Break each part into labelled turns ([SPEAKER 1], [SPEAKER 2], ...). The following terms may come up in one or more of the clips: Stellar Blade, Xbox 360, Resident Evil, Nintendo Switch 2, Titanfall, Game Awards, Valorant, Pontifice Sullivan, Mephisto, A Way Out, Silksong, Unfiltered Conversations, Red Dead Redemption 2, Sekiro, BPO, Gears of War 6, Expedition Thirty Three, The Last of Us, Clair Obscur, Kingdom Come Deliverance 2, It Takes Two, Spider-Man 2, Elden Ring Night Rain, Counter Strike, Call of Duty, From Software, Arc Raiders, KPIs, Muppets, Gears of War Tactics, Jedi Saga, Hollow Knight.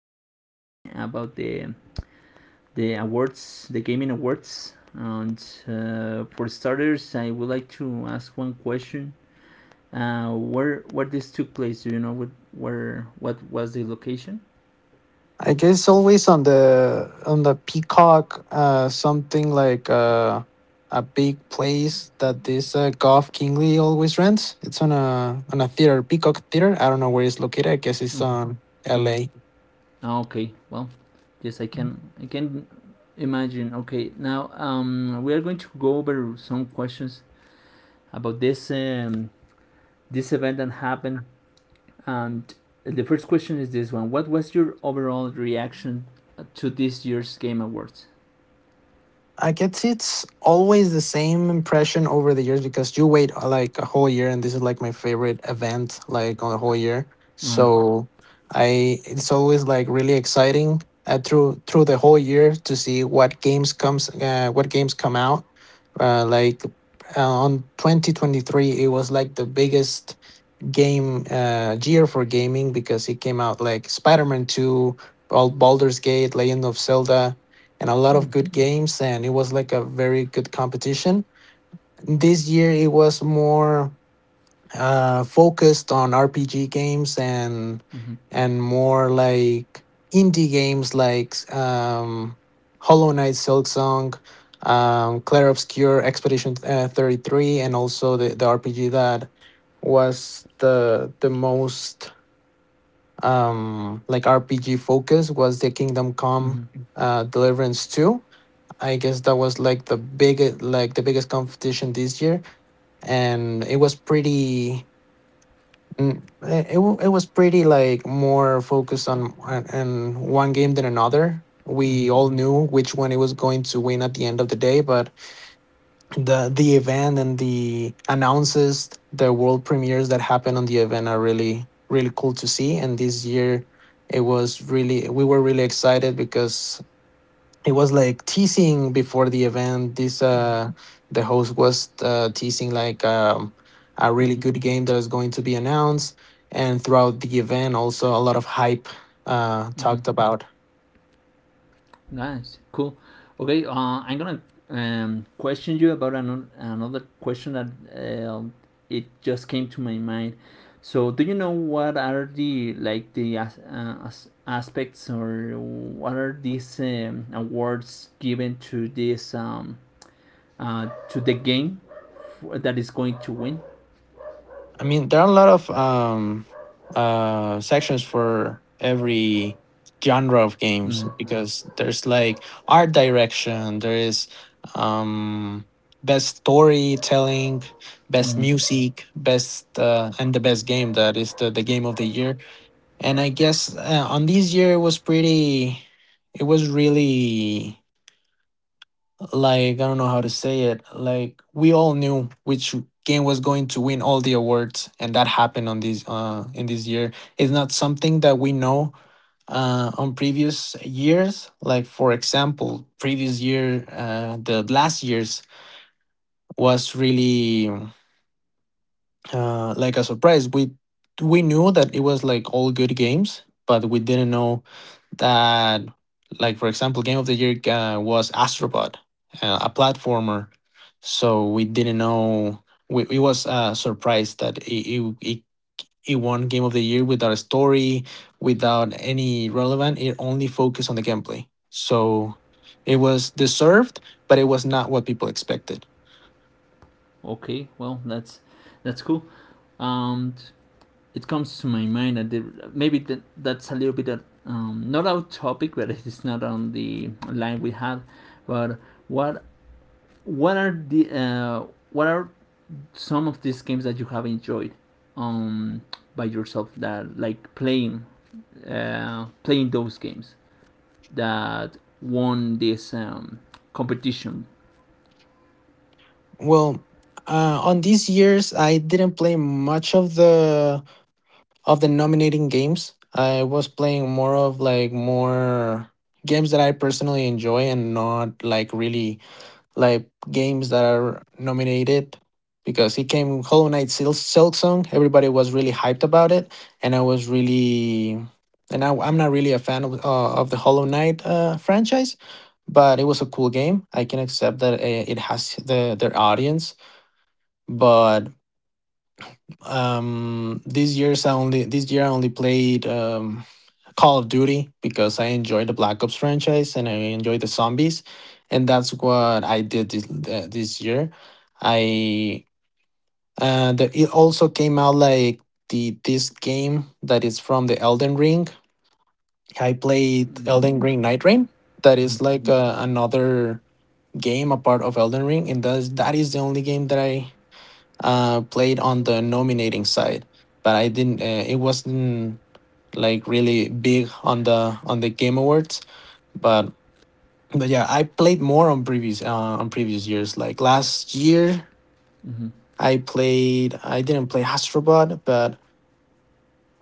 [SPEAKER 1] recently about the awards, the gaming awards. And for starters, I would like to ask one question. Where this took place? Do you know what was the location?
[SPEAKER 2] I guess always on the Peacock, something like a big place that this Goff Kingley always rents. It's on a theater, Peacock Theater. I don't know where it's located. I guess it's on
[SPEAKER 1] Mm-hmm.
[SPEAKER 2] L.A.
[SPEAKER 1] Okay. Well, yes, I can imagine. Okay. Now, we are going to go over some questions about this event that happened. And the first question is this one: What was your overall reaction to this year's Game Awards?
[SPEAKER 2] I guess it's always the same impression over the years because you wait like a whole year, and this is like my favorite event, like on the whole year.
[SPEAKER 1] Uh-huh.
[SPEAKER 2] So I it's always like really exciting through the whole year to see what games come out. Uh, like uh, on 2023, it was like the biggest game year for gaming because it came out like Spider-Man 2, Baldur's Gate, Legend of Zelda, and a lot of good games. And it was like a very good competition. This year it was more focused on RPG games
[SPEAKER 1] Mm-hmm.
[SPEAKER 2] and more like indie games like Hollow Knight, Silksong, Clair Obscur, Expedition 33, and also the RPG that was the most like RPG focus was the Kingdom
[SPEAKER 1] Mm-hmm.
[SPEAKER 2] Come Deliverance 2. I guess that was like the biggest competition this year, and it was pretty it was pretty like more focused
[SPEAKER 1] Yeah.
[SPEAKER 2] on one game than another.
[SPEAKER 1] Mm-hmm.
[SPEAKER 2] We all knew which one it was going to win at the end of the day, but the event and the announces, the world premieres that happen on the event are really really cool to see. And this year, it was really we were really excited because it was like teasing before the event. This the host was teasing like a really
[SPEAKER 1] Mm-hmm.
[SPEAKER 2] good game that is going to be announced, and throughout the event also a lot of hype
[SPEAKER 1] Mm-hmm.
[SPEAKER 2] talked about.
[SPEAKER 1] Nice, cool. Okay, I'm gonna question you about another question that uh, it just came to my mind. So, do you know what are the as aspects or what are these awards given to this? To the game that is going to win.
[SPEAKER 2] I mean, there are a lot of sections for every genre of games
[SPEAKER 1] Hmm.
[SPEAKER 2] because there's like art direction, there is um, best storytelling, best
[SPEAKER 1] Hmm.
[SPEAKER 2] music, best and the best game that is the game of the year. And I guess on this year it was it was really like I don't know how to say it. Like we all knew which game was going to win all the awards, and that happened on this in this year. It's not something that we know on previous years. Like for example, previous year, the last year's was really like a surprise. We knew that it was like all good games, but we didn't know that like for example game of the year was astrobot, a platformer, so we didn't know. We was surprised that it it won game of the year without a story, without any relevant, it only focused on the gameplay. So it was deserved, but it was not what people expected.
[SPEAKER 1] Okay, well that's cool. Um, it comes to my mind, and maybe that's a little bit of, not our topic, but it is not on the line we had. But what what are the uh, what are some of these games that you have enjoyed um, by yourself that like playing those games that won this competition?
[SPEAKER 2] Well, on these years, I didn't play much of the nominating games. I was playing more of like more games that I personally enjoy and not like really like games that are nominated because it came Hollow Knight Silk Song. Everybody was really hyped about it, and I was really and I'm not really a fan of the Hollow Knight franchise, but it was a cool game. I can accept that it has the their audience. But these years I only this year I only played Call of Duty because I enjoy the Black Ops franchise and I enjoy the zombies, and that's what I did this year. I it also came out like the this game that is from the Elden Ring. I played
[SPEAKER 1] Yeah.
[SPEAKER 2] Elden Ring Night Rain. That is
[SPEAKER 1] Mm-hmm.
[SPEAKER 2] like another game a part of Elden Ring, and that is the only game that I played on the nominating side, but I didn't. It wasn't like really big on the Game Awards. But but yeah, I played more on previous years. Like last year,
[SPEAKER 1] Mm-hmm.
[SPEAKER 2] I played. I didn't play Astrobot, but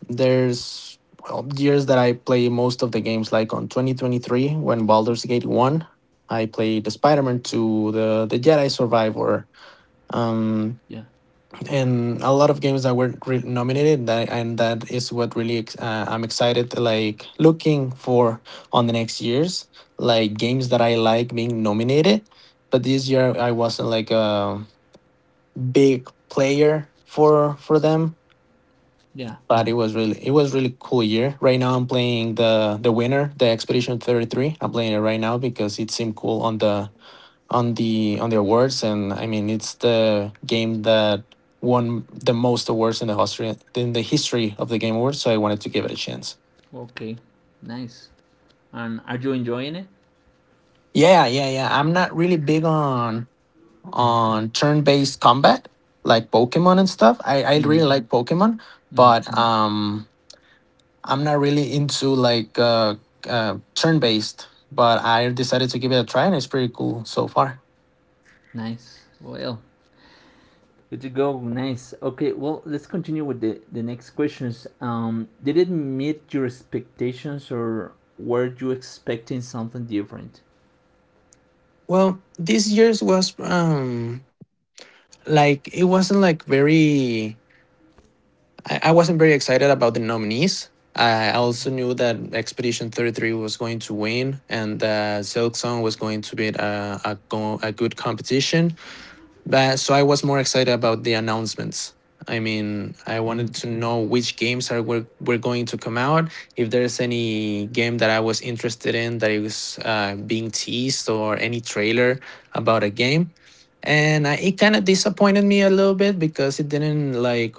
[SPEAKER 2] there's well, years that I play most of the games. Like on 2023, when Baldur's Gate won, I played the Spider-Man 2, the Jedi Survivor. Um,
[SPEAKER 1] Yeah.
[SPEAKER 2] and a lot of games that were nominated, that is what really I'm excited like looking for on the next years, like games that I like being nominated. But this year I wasn't like a big player for them.
[SPEAKER 1] Yeah.
[SPEAKER 2] But it was really cool year. Right now I'm playing the winner, the Expedition 33. I'm playing it right now because it seemed cool on the on the awards, and I mean it's the game that won the most awards in the history of the Game Awards. So I wanted to give it a chance.
[SPEAKER 1] Okay. Nice. And are you enjoying it?
[SPEAKER 2] Yeah, yeah, yeah. I'm not really big on
[SPEAKER 1] Mm-hmm.
[SPEAKER 2] turn based combat like Pokemon and stuff. I
[SPEAKER 1] Mm-hmm.
[SPEAKER 2] really like Pokemon,
[SPEAKER 1] Mm-hmm.
[SPEAKER 2] but I'm not really into like turn based. But I decided to give it a try, and it's pretty cool so far.
[SPEAKER 1] Nice. Well, good to go. Nice. Okay. Well, let's continue with the next questions. Did it meet your expectations, or were you expecting something different?
[SPEAKER 2] Well, this year's was like it wasn't like very I wasn't very excited about the nominees. I also knew
[SPEAKER 1] Mm-hmm.
[SPEAKER 2] that Expedition 33 was going to win and that Silk Song was going to be a good competition. So I was more excited about the announcements. I mean, I wanted
[SPEAKER 1] Mm-hmm.
[SPEAKER 2] to know which games are were, going to come out. If there's any game that I was interested in that is being teased or any trailer about a game, and it kind of disappointed me a little bit because it didn't like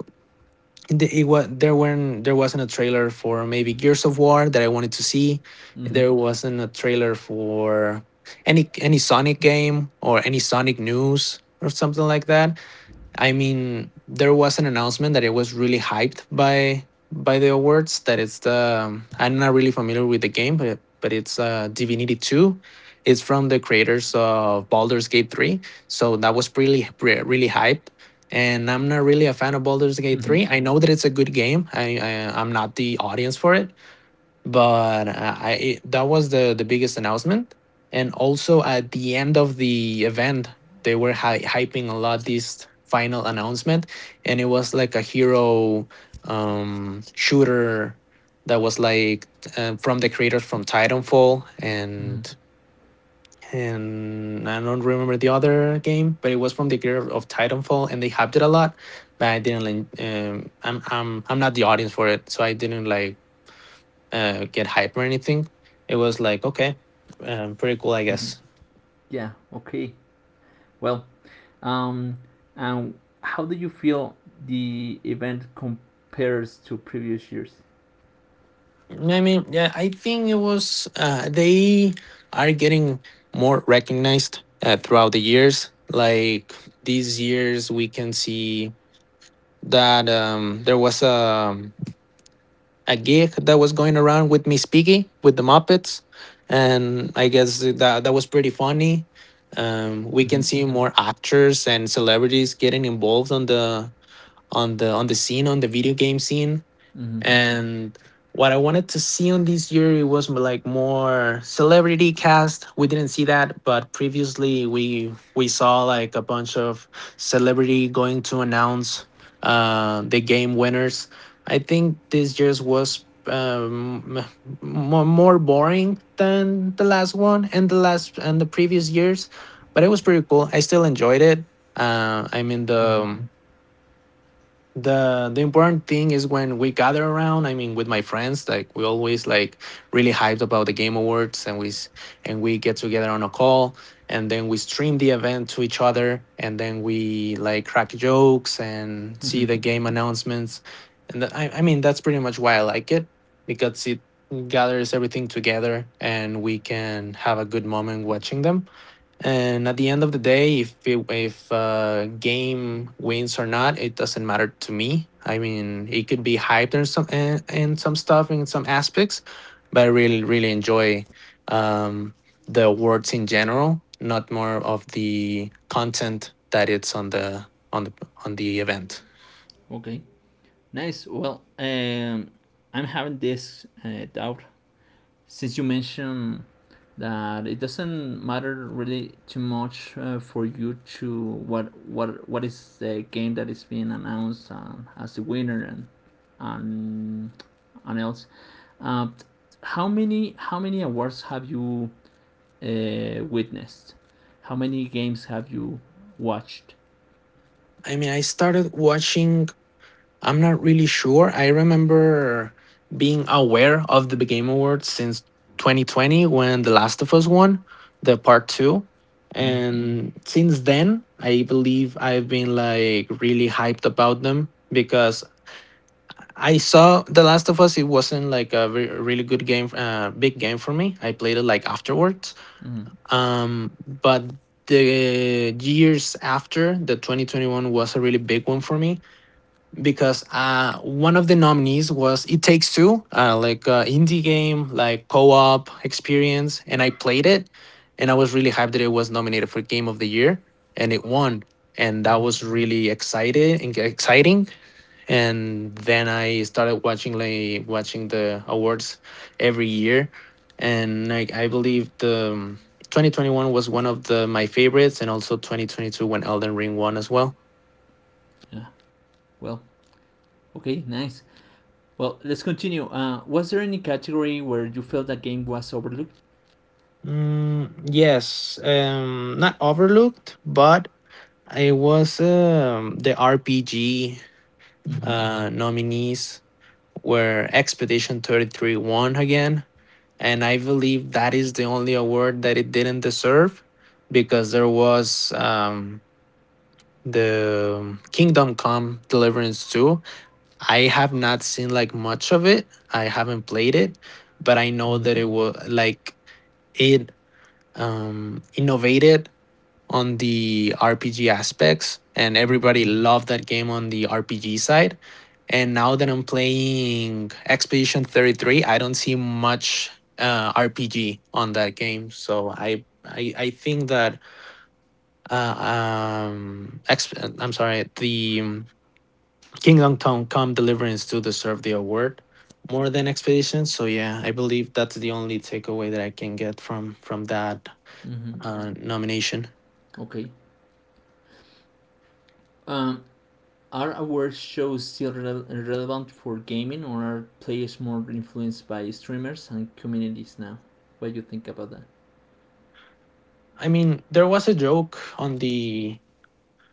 [SPEAKER 2] the, it was there wasn't a trailer for maybe Gears of War that I wanted to see.
[SPEAKER 1] Mm-hmm.
[SPEAKER 2] There wasn't a trailer for any Sonic game or any Sonic news or something like that. I mean, there was an announcement that it was really hyped by the awards. That it's the I'm not really familiar with the game, but but it's Divinity Two. It's from the creators of Baldur's Gate Three, so that was really really hyped. And I'm not really a fan of Baldur's Gate
[SPEAKER 1] Mm-hmm.
[SPEAKER 2] Three. I know that it's a good game. I'm not the audience for it, but that was the biggest announcement. And also at the end of the event, they were hyping a lot this final announcement, and it was like a hero shooter that was like from the creators from Titanfall
[SPEAKER 1] Mm-hmm.
[SPEAKER 2] and I don't remember the other game, but it was from the creator of Titanfall, and they hyped it a lot. But I didn't like. I'm not the audience for it, so I didn't like get hype or anything. It was like okay, pretty cool, I
[SPEAKER 1] Mm-hmm.
[SPEAKER 2] guess.
[SPEAKER 1] Yeah. Okay. Well. Um. And how do you feel the event compares to previous years?
[SPEAKER 2] I mean, yeah, I think it was. They are getting more recognized throughout the years. Like these years, we can see that there was a gig that was going around with Miss Piggy with the Muppets, and I guess that was pretty funny. We can
[SPEAKER 1] Mm-hmm.
[SPEAKER 2] see more actors and celebrities getting involved on the on the scene, on the video game scene.
[SPEAKER 1] Mm-hmm.
[SPEAKER 2] And what I wanted to see on this year, it was like more celebrity cast. We didn't see that, but previously we saw like a bunch of celebrity going to announce the game winners. I think this year's was more boring than the last one and the last and the previous years, but it was pretty cool. I still enjoyed it. I mean the important thing is when we gather around, I mean with my friends, like we always like really hyped about the game awards, and we get together on a call, and then we stream the event to each other, and then we like crack jokes and see
[SPEAKER 1] Mm-hmm.
[SPEAKER 2] the game announcements. And I mean that's pretty much why I like it, because it gathers everything together and we can have a good moment watching them. And at the end of the day, if a game wins or not, it doesn't matter to me. I mean, it could be hyped in some in some stuff, in some aspects, but I really really enjoy um, the awards in general, not more of the content that it's on the on the on the event.
[SPEAKER 1] Okay. Nice. Well, I'm having this doubt since you mentioned that it doesn't matter really too much for you to what is the game that is being announced as the winner and and else. Uh, how many awards have you witnessed? How many games have you watched?
[SPEAKER 2] I mean, I started watching I'm not really sure. I remember being aware of the Game Awards since 2020 when The Last of Us won the part two.
[SPEAKER 1] Mm-hmm.
[SPEAKER 2] And since then, I believe I've been like really hyped about them because I saw The Last of Us. It wasn't like a really good game, big game for me. I played it like afterwards.
[SPEAKER 1] Mm-hmm.
[SPEAKER 2] But the years after, the 2021 was a really big one for me because one of the nominees was It Takes Two, indie game, like co-op experience, and I played it, and I was really hyped that it was nominated for Game of the Year, and it won, and that was exciting. And then I started watching the awards every year, and like I believe the 2021 was one of the my favorites, and also 2022 when Elden Ring won as well.
[SPEAKER 1] Yeah. Well, okay, nice. Well, let's continue. Was there any category where you felt that game was overlooked?
[SPEAKER 2] Mm, yes, not overlooked, but it was the RPG
[SPEAKER 1] Mm-hmm.
[SPEAKER 2] nominees were Expedition 33 won again. And I believe that is the only award that it didn't deserve because there was the Kingdom Come Deliverance 2. I have not seen like much of it. I haven't played it, but I know
[SPEAKER 1] Mm-hmm.
[SPEAKER 2] that it was like it innovated on the RPG aspects, and
[SPEAKER 1] Mm-hmm.
[SPEAKER 2] everybody loved that game on the RPG side. And now that I'm playing Expedition 33, I don't see much RPG on that game. So I think that uh, I'm sorry, the Kingdom Come Deliverance to deserve the award more than Expedition. So yeah, I believe that's the only takeaway that I can get from that
[SPEAKER 1] Mm-hmm.
[SPEAKER 2] nomination.
[SPEAKER 1] Okay. Um, are award shows still relevant for gaming, or are players more influenced by streamers and communities now? What do you think about that?
[SPEAKER 2] I mean, there was a joke on the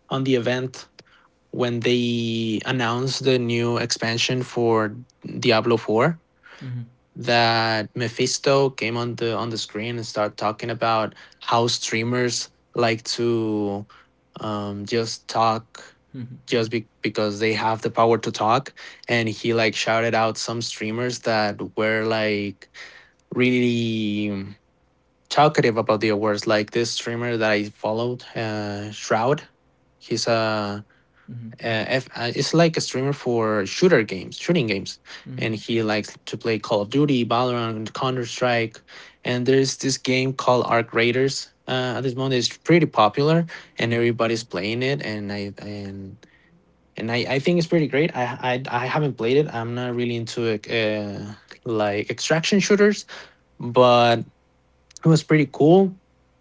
[SPEAKER 2] on the event when they announced the new expansion for Diablo 4
[SPEAKER 1] Mm-hmm.
[SPEAKER 2] that Mephisto came on the screen and started talking about how streamers like to just talk
[SPEAKER 1] Mm-hmm.
[SPEAKER 2] because they have the power to talk, and he like shouted out some streamers that were like really talkative about the awards. Like this streamer that I followed, Shroud. He's
[SPEAKER 1] Mm-hmm.
[SPEAKER 2] a F, It's like a streamer for shooter games, shooting games,
[SPEAKER 1] Mm-hmm.
[SPEAKER 2] and he likes to play Call of Duty, Valorant, Counter Strike, and there's this game called Arc Raiders. At this moment, it's pretty popular, and everybody's playing it. And I think it's pretty great. I haven't played it. I'm not really into like extraction shooters, but it was pretty cool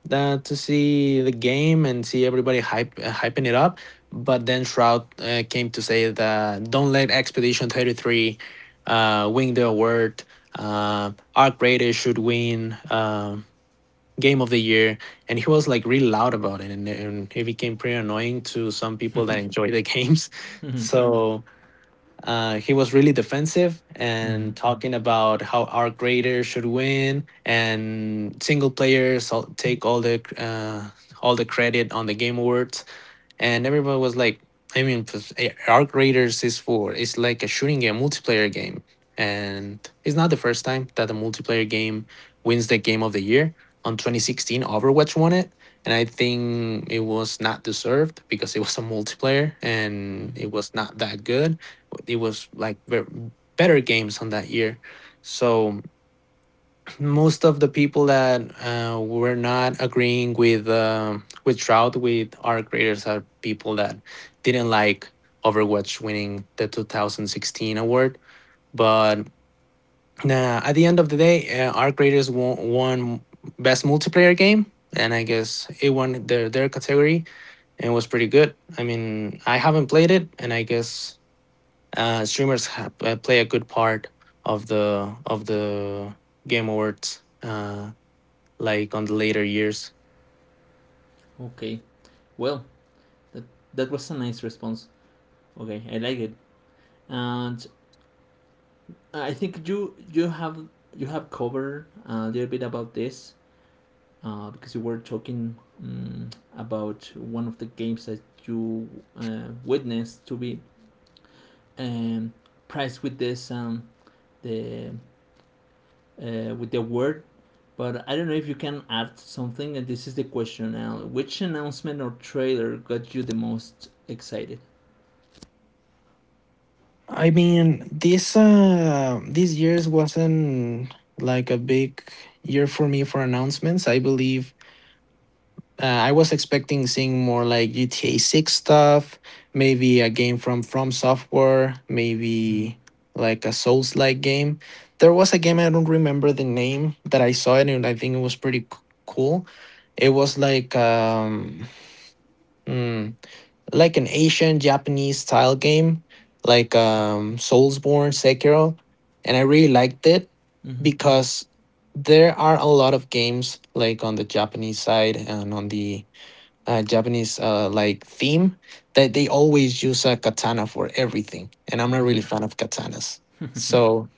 [SPEAKER 2] that to see the game and see everybody hyping it up. But then Shroud came to say that don't let Expedition 33 win the award. Our greatest should win game of the year. And he was like really loud about it. And it became pretty annoying to some people that enjoy the games. So he was really defensive
[SPEAKER 1] Mm-hmm.
[SPEAKER 2] and talking about how our grader should win and take all the credit on the game awards. And everybody was like, I mean, Arc Raiders is for it's like a shooting game, multiplayer game, and it's not the first time that a multiplayer game wins the game of the year. On 2016, Overwatch won it, and I think it was not deserved because it was a multiplayer and it
[SPEAKER 1] Mm-hmm.
[SPEAKER 2] was not that good. It was like better games on that year. So most of the people that were not agreeing with Trout with our graders are people that didn't like Overwatch winning the 2016 award. But nah, at the end of the day, our graders won best multiplayer game, and I guess it won their category and was pretty good. I mean, I haven't played it, and I guess streamers play a good part of the game awards, like on the later years.
[SPEAKER 1] Okay. Well, that that was a nice response. Okay, I like it. And I think you have covered a little bit about this because you were talking um, about one of the games that you witnessed to be um, priced the with the award. But I don't know if you can add something. And this is the question now: Which announcement or trailer got you the most excited?
[SPEAKER 2] I mean, this these years wasn't like a big year for me for announcements. I believe I was expecting seeing more like GTA 6 stuff, maybe a game from Software,
[SPEAKER 1] Mm-hmm.
[SPEAKER 2] maybe like a Souls like game. There was a game, I don't remember the name, that I saw it and I think it was pretty cool. It was like hmm, like an Asian Japanese style game, like Soulsborne, Sekiro, and I really liked it because there are a lot of games like on the Japanese side and on the Japanese like theme that they always use a katana for everything, and I'm not really
[SPEAKER 1] Mm-hmm.
[SPEAKER 2] a fan of katanas. So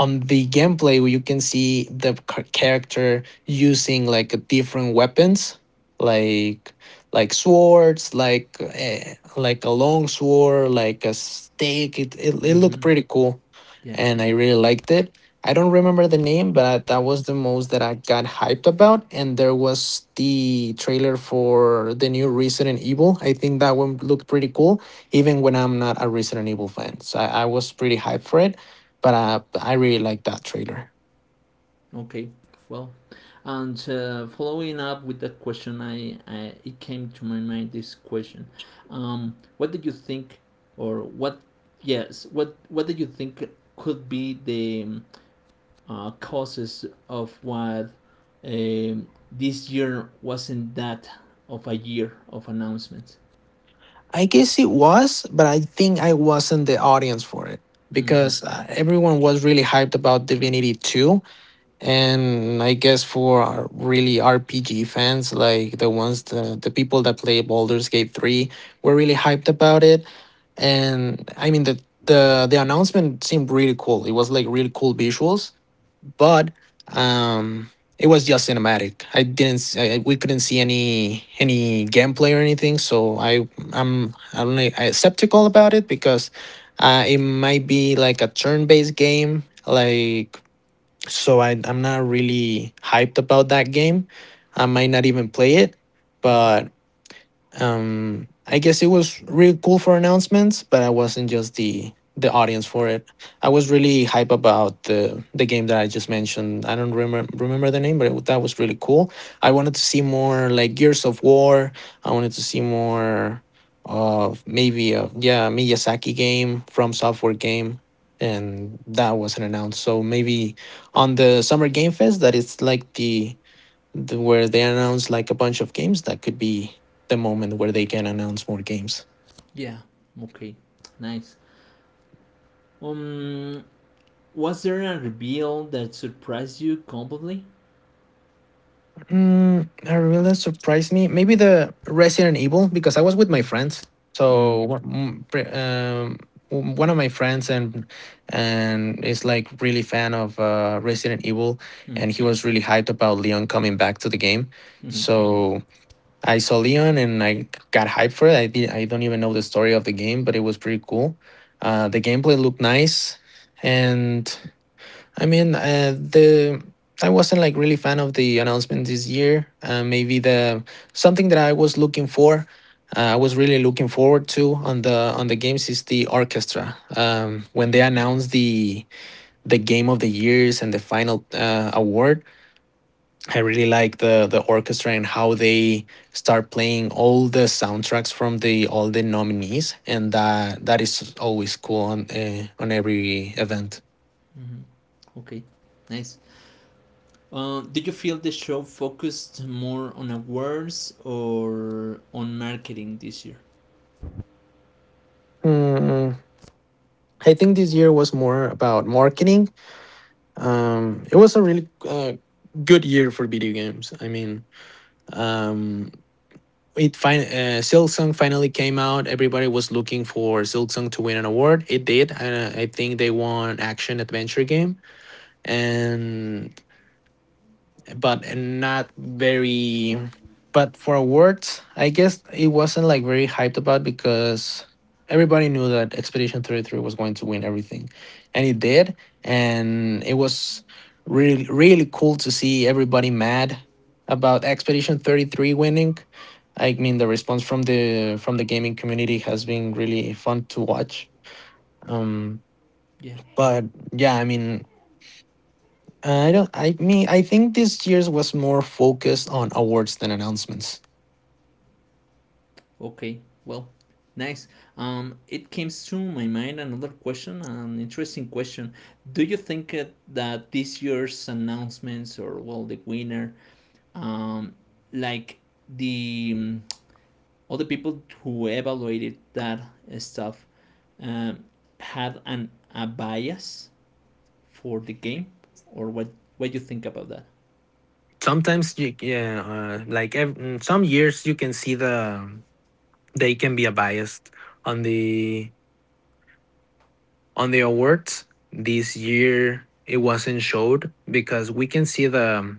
[SPEAKER 2] on the gameplay you can see the character using like different weapons like like swords like a long sword like a stake it looked
[SPEAKER 1] Mm-hmm.
[SPEAKER 2] pretty cool,
[SPEAKER 1] Yeah.
[SPEAKER 2] and I really liked it. I don't remember the name, but that was the most that I got hyped about. And there was the trailer for the new Resident Evil. I think that one looked pretty cool even when I'm not a Resident Evil fan, so I was pretty hyped for it, but I really like that trailer.
[SPEAKER 1] Okay, well, and following up with that question, I it came to my mind this question: What did you think, or what? Yes, what did you think could be the causes of what this year wasn't that of a year of announcements?
[SPEAKER 2] I guess it was, but I think I wasn't the audience for it
[SPEAKER 1] Mm-hmm.
[SPEAKER 2] because everyone was really hyped about Divinity 2. And I guess for our really RPG fans, like the ones the people that play Baldur's Gate 3 were really hyped about it. And I mean the announcement seemed really cool. It was like really cool visuals, but um it was just cinematic. I didn't s- I- We couldn't see any gameplay or anything, so I I'm like I skeptical about it because it might be like a turn-based game like. So I'm not really hyped about that game. I might not even play it,
[SPEAKER 1] Hmm.
[SPEAKER 2] but I guess it was really cool for announcements, but I wasn't just the audience for it. I was really hype about the game that I just mentioned. I don't remember the name, but that was really cool. I wanted to see more like Gears of War. I wanted to see more of maybe a yeah Miyazaki game, From Software game. And that wasn't announced, so maybe on the Summer Game Fest, that it's like where they announce like a bunch of games, that could be the moment where they can announce more games.
[SPEAKER 1] Yeah. Okay. Nice. Um, was there a reveal that surprised you completely?
[SPEAKER 2] Mm, a reveal that surprised me maybe the Resident Evil, because I was with
[SPEAKER 1] Mm.
[SPEAKER 2] my friends.
[SPEAKER 1] Mm.
[SPEAKER 2] So one of my friends and is like really fan of Resident Evil,
[SPEAKER 1] Mhm,
[SPEAKER 2] and he was really hyped about Leon coming back to the game.
[SPEAKER 1] mhm,
[SPEAKER 2] So I saw Leon and I got hyped for it. I did, I don't even know the story of the game, but it was pretty cool. The gameplay looked nice, and I mean the I wasn't like really fan of the announcement this year. Maybe the something that I was looking for, I was really looking forward to on the games is the orchestra. When they
[SPEAKER 1] mhm,
[SPEAKER 2] announced the game of the years and the final award, I really like the orchestra and how they start playing all the soundtracks from the all the nominees, and that is always cool on every event.
[SPEAKER 1] mhm. Okay, nice. Did you feel the show focused more on awards or on marketing this year?
[SPEAKER 2] Mm, I think this year was more about marketing. It was a really good year for video games. I mean, um, Silksong finally came out. Everybody was looking for Silksong to win an award. It did. I think they won Action Adventure Game, and but not very. But for awards, I guess it wasn't like very hyped about because everybody knew that Expedition 33 was going to win everything, and it did. And it was really, really cool to see everybody mad about Expedition 33 winning. I mean, the response from the gaming community has been really fun to watch. Um,
[SPEAKER 1] Yeah.
[SPEAKER 2] but yeah, I mean, I don't. I mean, I think this year's was more focused on awards than announcements.
[SPEAKER 1] Okay. Well, nice. It came to my mind another question, an interesting question. Do you think that this year's announcements or well, the winner, um, like the mm, all the people who evaluated that stuff um, had an a bias for the game, or what do you think about that?
[SPEAKER 2] Sometimes you yeah, some years you can see they can be a biased on the on the awards. This year it wasn't showed because we can see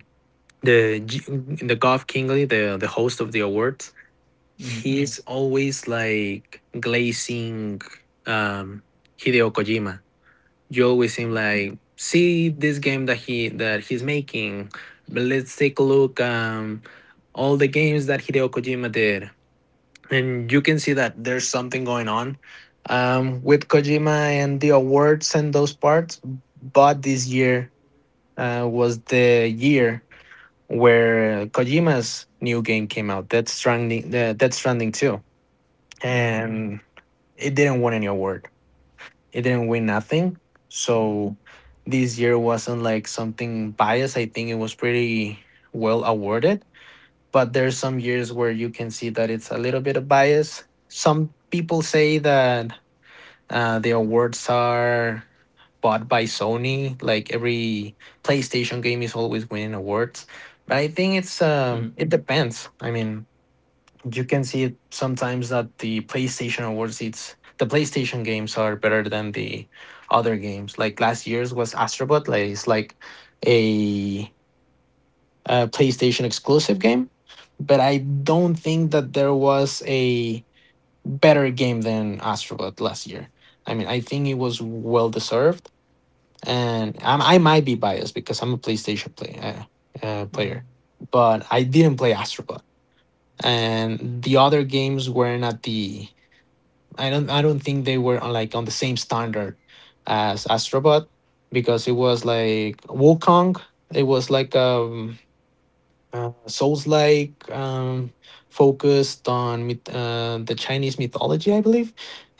[SPEAKER 2] the G- the Goff Kingley, the host of the awards. Mhm.
[SPEAKER 1] Mm,
[SPEAKER 2] He's always like glazing um Hideo Kojima. You always seem like see this game that he's making, but let's take a look, all the games that Hideo Kojima did, and you can see that there's something going on with Kojima and the awards and those parts. But this year was the year where Kojima's new game came out, that's stranding too,
[SPEAKER 1] mm,
[SPEAKER 2] and it didn't win any award. It didn't win nothing.
[SPEAKER 1] mm,
[SPEAKER 2] So this year wasn't like something biased. I think it was pretty well awarded. But there's some years where you can see that it's a little bit of bias. Some people say that the awards are bought by Sony. Like every PlayStation game is always winning awards. But I think it's
[SPEAKER 1] mm,
[SPEAKER 2] it depends. I mean, you can see it sometimes that the PlayStation Awards, it's the PlayStation games are better than the other games. Like last year's was Astrobot, like it's like a, a PlayStation exclusive game, but I don't think that there was a better game than Astrobot last year. I mean, I think it was well deserved, and I might be biased because I'm a PlayStation
[SPEAKER 1] mm,
[SPEAKER 2] player, but I didn't play Astrobot and the other games weren't at the I don't think they were on like on the same standard as Astrobot because it was like Wukong. It was like Souls like focused on myth, the Chinese mythology, I believe,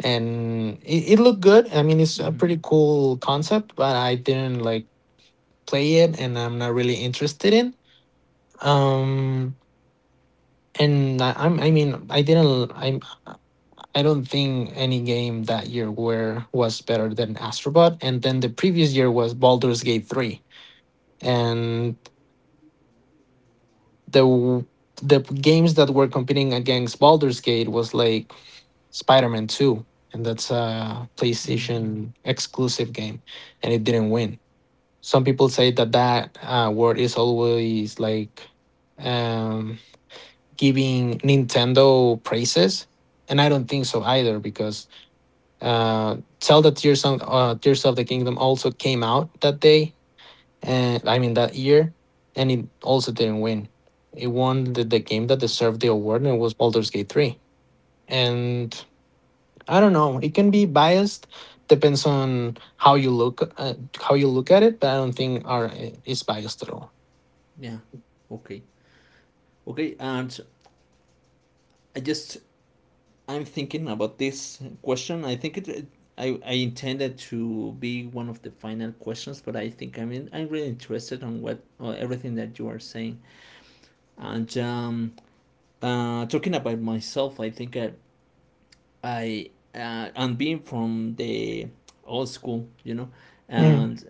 [SPEAKER 2] and it looked good. I mean, it's a
[SPEAKER 1] mm,
[SPEAKER 2] pretty cool concept, but I didn't like play it, and I'm not really interested in. Um, and I, I'm I mean I didn't I am I don't think any game that year were was better than Astrobot. And then the previous year was Baldur's Gate 3. And the w- the games that were competing against Baldur's Gate was like Spider-Man 2. And that's a
[SPEAKER 1] mm,
[SPEAKER 2] PlayStation exclusive game. And it didn't win. Some people say that word is always like um, giving Nintendo praises. And I don't think so either because Zelda Tears of the Kingdom also came out that day, and I mean that year, and it also didn't win. It won the game that deserved the award, and it was Baldur's Gate 3. And I don't know. It can be biased, depends on how you look at it. But I don't think our is biased at all.
[SPEAKER 1] yeah. Okay. Okay. And I just I'm thinking about this question. I think it. It I intended to be one of the final questions, but I think I mean I'm really interested on what everything that you are saying, and talking about myself, I think I and being from the old school,
[SPEAKER 2] Mm.
[SPEAKER 1] and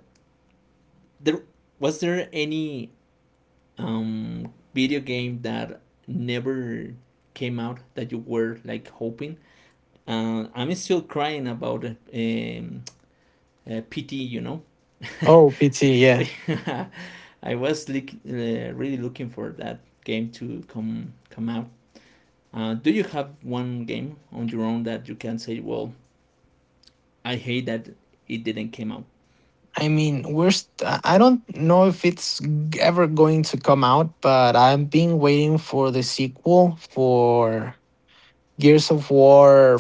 [SPEAKER 1] there was there any video game that never came out that you were like hoping? I'm still crying about PT, you know.
[SPEAKER 2] Oh, PT, yeah.
[SPEAKER 1] I was like, really looking for that game to come out. Do you have one game on your own that you can say, well, I hate that it didn't came out?
[SPEAKER 2] I mean, I don't know if it's ever going to come out, but I've been waiting for the sequel for Gears of War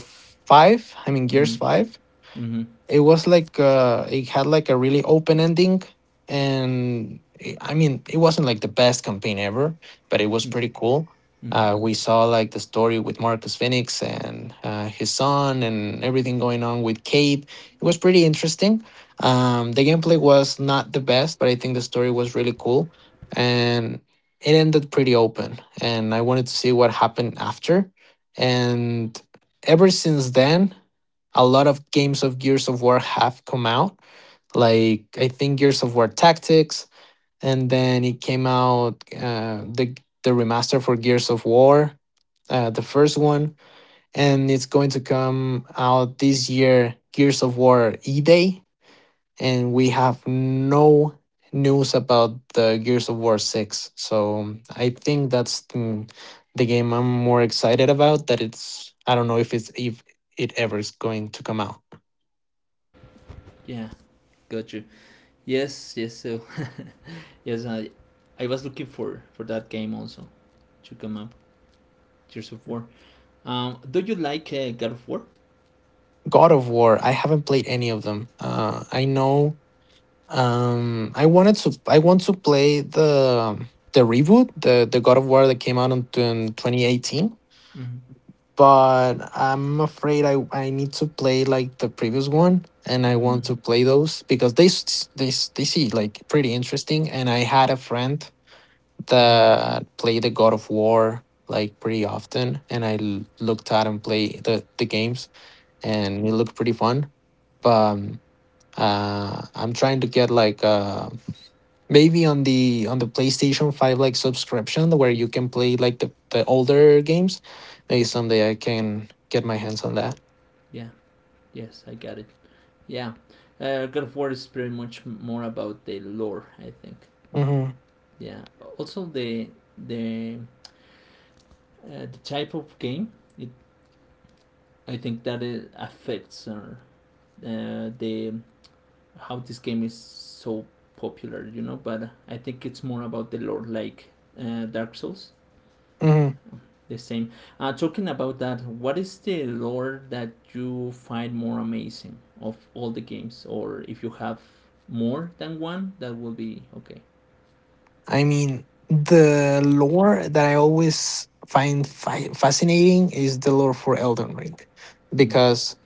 [SPEAKER 2] 5. I mean, Gears
[SPEAKER 1] Mm.
[SPEAKER 2] 5,
[SPEAKER 1] Hmm.
[SPEAKER 2] it was like it had like a really open ending and it, I mean it wasn't like the best campaign ever but it was pretty cool. We saw like the story with Marcus Phoenix and his son and everything going on with Kate. It was pretty interesting. The gameplay was not the best but I think the story was really cool, and it ended pretty open and I wanted to see what happened after. And ever since then a lot of games of Gears of War have come out. Like I think Gears of War Tactics, and then it came out the remaster for Gears of War, the first one, and it's going to come out this year. Gears of War E Day, and we have no news about the Gears of War six. So I think that's the game I'm more excited about. That it's I don't know if it's if it ever is going to come out.
[SPEAKER 1] Yeah, got you. Yes, yes. So, yes, I was looking for that game also to come up. Gears of War. Do you like God of War?
[SPEAKER 2] God of War. I haven't played any of them. I know. I wanted to. I want to play the reboot, the God of War that came out in 2018,
[SPEAKER 1] Mm-hmm.
[SPEAKER 2] but I'm afraid I need to play like the previous one, and I
[SPEAKER 1] Mm-hmm.
[SPEAKER 2] want to play those because they see like pretty interesting. And I had a friend
[SPEAKER 1] Mm-hmm.
[SPEAKER 2] that played the God of War like pretty often, and looked at him play the games, and it looked pretty fun. But I'm trying to get like a, maybe on the PlayStation 5 like subscription where you can play like the older games. Maybe someday I can get my hands on that.
[SPEAKER 1] Yeah. Yes, I got it. Yeah. God of War is pretty much more about the lore, I think.
[SPEAKER 2] Hmm.
[SPEAKER 1] Yeah. Also, the the type of game it I think that it affects the how this game is so popular. But I think it's more about the lore, like Dark Souls.
[SPEAKER 2] Hmm.
[SPEAKER 1] The same. Talking about that, what is the lore that you find more amazing of all the games, or if you have more than one, that will be okay.
[SPEAKER 2] I mean, the lore that I always find fascinating is the lore for Elden Ring
[SPEAKER 1] Mm,
[SPEAKER 2] because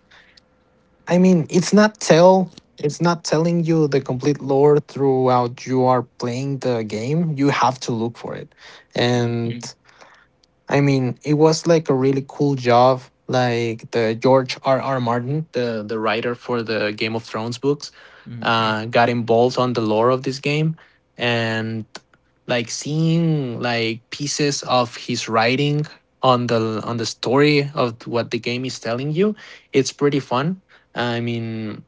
[SPEAKER 2] I mean, it's not telling you the complete lore throughout you are playing the game. You have to look for it.
[SPEAKER 1] mm,
[SPEAKER 2] And I mean, it was like a really cool job. Like the George R. R. Martin, the writer for the Game of Thrones books,
[SPEAKER 1] mm,
[SPEAKER 2] got involved on the lore of this game, and like seeing like pieces of his writing on the story of what the game is telling you, it's pretty fun. I mean,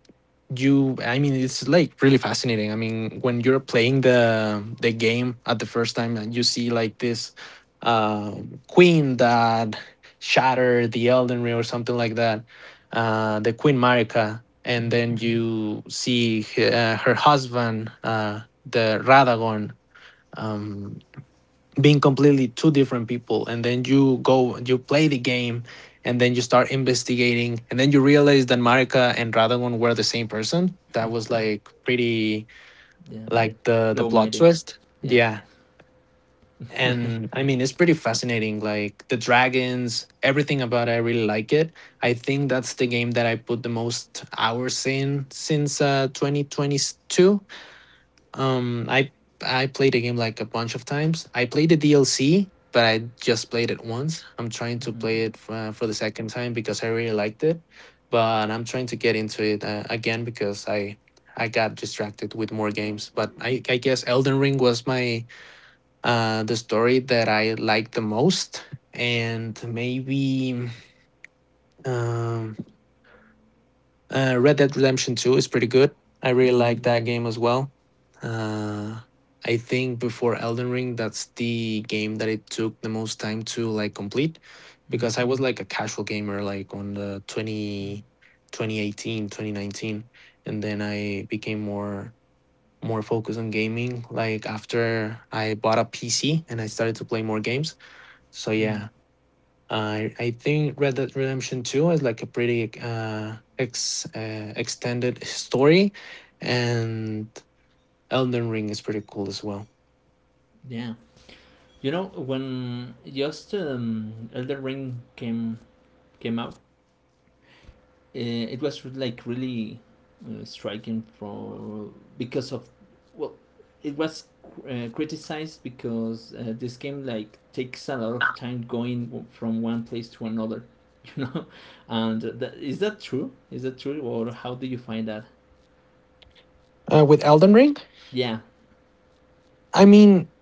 [SPEAKER 2] it's like really fascinating. I mean when you're playing the game at the first time and you see like this queen that shattered the Elden Ring or something like that, the queen Marika, and
[SPEAKER 1] mm,
[SPEAKER 2] then you see her husband, the Radagon, um being completely two different people, and then you go you play the game, and then you start investigating and then you realize that Marika and Radagon were the same person. That was like pretty,
[SPEAKER 1] yeah,
[SPEAKER 2] like the
[SPEAKER 1] low
[SPEAKER 2] plot
[SPEAKER 1] mighty.
[SPEAKER 2] twist.
[SPEAKER 1] Yeah.
[SPEAKER 2] Yeah. And I mean it's pretty fascinating, like the dragons, everything about it I really like it. I think that's the game that I put the most hours in since 2022. um, I I played the game like a bunch of times. I played the DLC, but I just played it once. I'm trying to
[SPEAKER 1] Mm-hmm.
[SPEAKER 2] play it for the second time because I really liked it, but I'm trying to get into it again because I got distracted with more games. But I guess Elden Ring was my the story that I liked the most, and maybe um. Red Dead Redemption 2 is pretty good. I really
[SPEAKER 1] Mm,
[SPEAKER 2] like that game as well. Uh, I think before Elden Ring, that's the game that it took the most time to like complete
[SPEAKER 1] mm,
[SPEAKER 2] because I was like a casual gamer like on the
[SPEAKER 1] mm,
[SPEAKER 2] twenty 2018 2019, and then I became more more focused on gaming like after I bought a PC and I started to play more games. So
[SPEAKER 1] mm,
[SPEAKER 2] yeah, I think Red Dead Redemption 2 is like a pretty ex extended story, and Elden Ring is pretty cool as well.
[SPEAKER 1] yeah. You know, when just Elder Ring came out, it was like really striking for because of it was criticized because this game like takes a lot of time going from one place to another, you know. And that, is that true? Is that true, or how do you find that?
[SPEAKER 2] With Elden Ring,
[SPEAKER 1] Yeah.
[SPEAKER 2] I mean,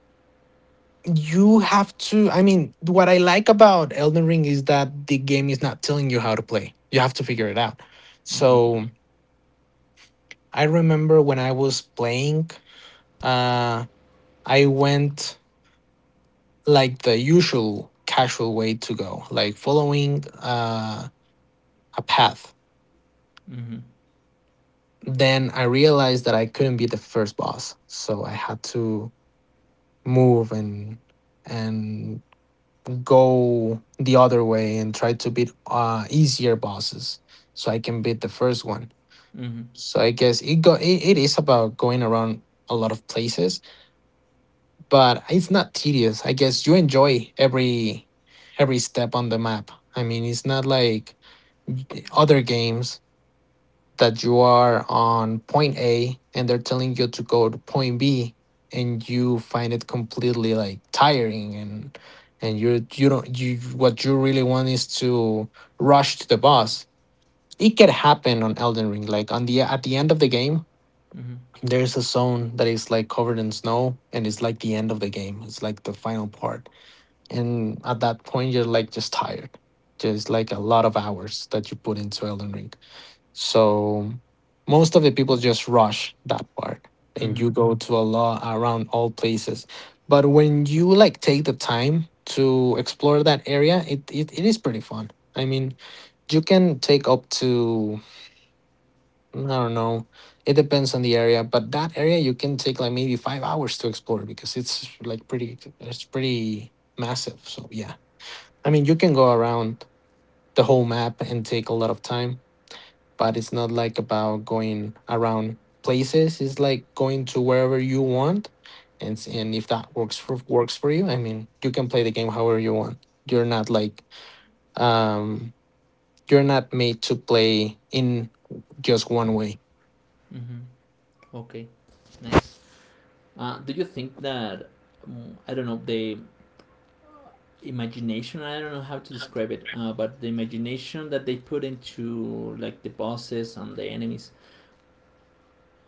[SPEAKER 2] you have to. I mean, what I like about Elden Ring is that the game is not telling you how to play. You have to figure it out.
[SPEAKER 1] Mhm.
[SPEAKER 2] So I remember when I was playing, uh, I went like the usual casual way to go, like following a path,
[SPEAKER 1] Mhm.
[SPEAKER 2] then I realized that I couldn't be the first boss, so I had to move and go the other way and try to beat easier bosses so I can beat the first one.
[SPEAKER 1] Mhm.
[SPEAKER 2] So I guess it is about going around a lot of places, but it's not tedious. I guess you enjoy every step on the map. I mean, it's not like other games that you are on point A and they're telling you to go to point B and you find it completely like tiring, and you do not you what you really want is to rush to the boss. It can happen on Elden Ring. Like on the at the end of the game,
[SPEAKER 1] Mhm.
[SPEAKER 2] there's a zone that is like covered in snow and it's like the end of the game. It's like the final part. And at that point you're like just tired. There's like a lot of hours that you put into Elden Ring, so most of the people just rush that part and you
[SPEAKER 1] Mhm.
[SPEAKER 2] go to a lot around all places. But when you like take the time to explore that area, it is pretty fun. I mean, you can take up to, I don't know, it depends on the area, but that area you can take like maybe 5 hours to explore because it's pretty massive. So yeah, I mean, you can go around the whole map and take a lot of time but it's not like about going around places. It's like going to wherever you want, and and if that works for works for you, I mean, you can play the game however you want. You're not like um, you're not made to play in just one way.
[SPEAKER 1] Mhm. Okay. Nice. Do you think that I don't know the imagination? I don't know how to describe it, but the imagination that they put into like the bosses and the enemies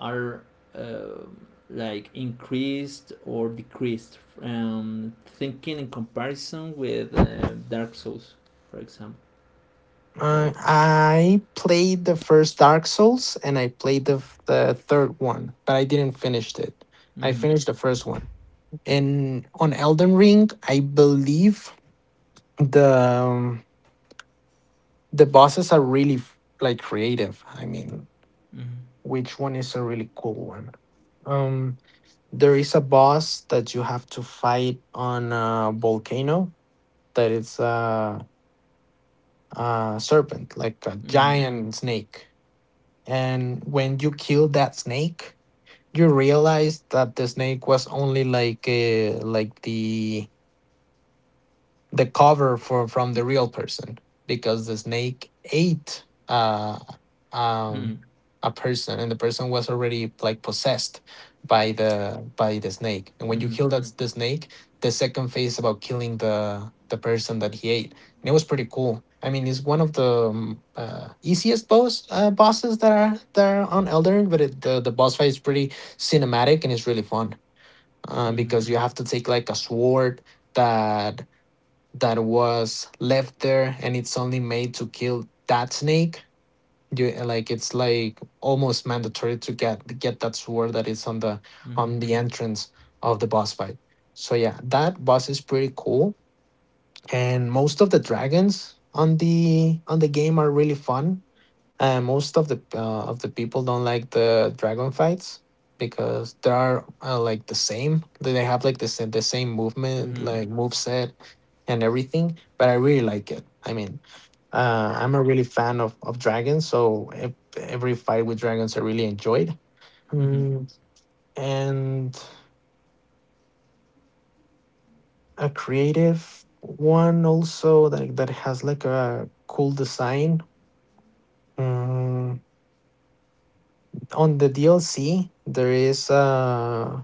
[SPEAKER 1] are uh, like increased or decreased. Thinking in comparison with Dark Souls, for example, or.
[SPEAKER 2] I played the first Dark Souls and I played the third one, but I didn't finish it. I
[SPEAKER 1] Mm-hmm,
[SPEAKER 2] finished the first one, and on Elden Ring, I believe the um, The bosses are really like creative. I mean,
[SPEAKER 1] mm-hmm,
[SPEAKER 2] which one is a really cool one? Um, there is a boss that you have to fight on a volcano that it's a serpent, like a giant snake. And when you kill that snake, you realize that the snake was only like the cover for from the real person because the snake ate
[SPEAKER 1] mm-hmm,
[SPEAKER 2] um a person, and the person was already like possessed by the snake. And when you
[SPEAKER 1] mm-hmm,
[SPEAKER 2] kill that the snake, the second phase about killing the person that he ate. And it was pretty cool. I mean, it's one of the easiest bosses that are on Elder, but the boss fight is pretty cinematic and it's really fun,
[SPEAKER 1] mm-hmm,
[SPEAKER 2] because you have to take like a sword that that was left there, and it's only made to kill that snake. You like it's like almost mandatory to get that sword that is on the entrance of the boss fight. So yeah, that boss is pretty cool. And most of the dragons on the game are really fun, and most of the people don't like the dragon fights because they are like the same. They have like the same
[SPEAKER 1] mm-hmm, mm-hmm,
[SPEAKER 2] movement,
[SPEAKER 1] mm-hmm,
[SPEAKER 2] like move set and everything. But I really like it. I mean, I'm a really fan of dragons, so every fight with dragons I really enjoyed.
[SPEAKER 1] mm-hmm. Mm-hmm,
[SPEAKER 2] Mm, and a creative one also that that has like a cool design. Mm, on the DLC, there is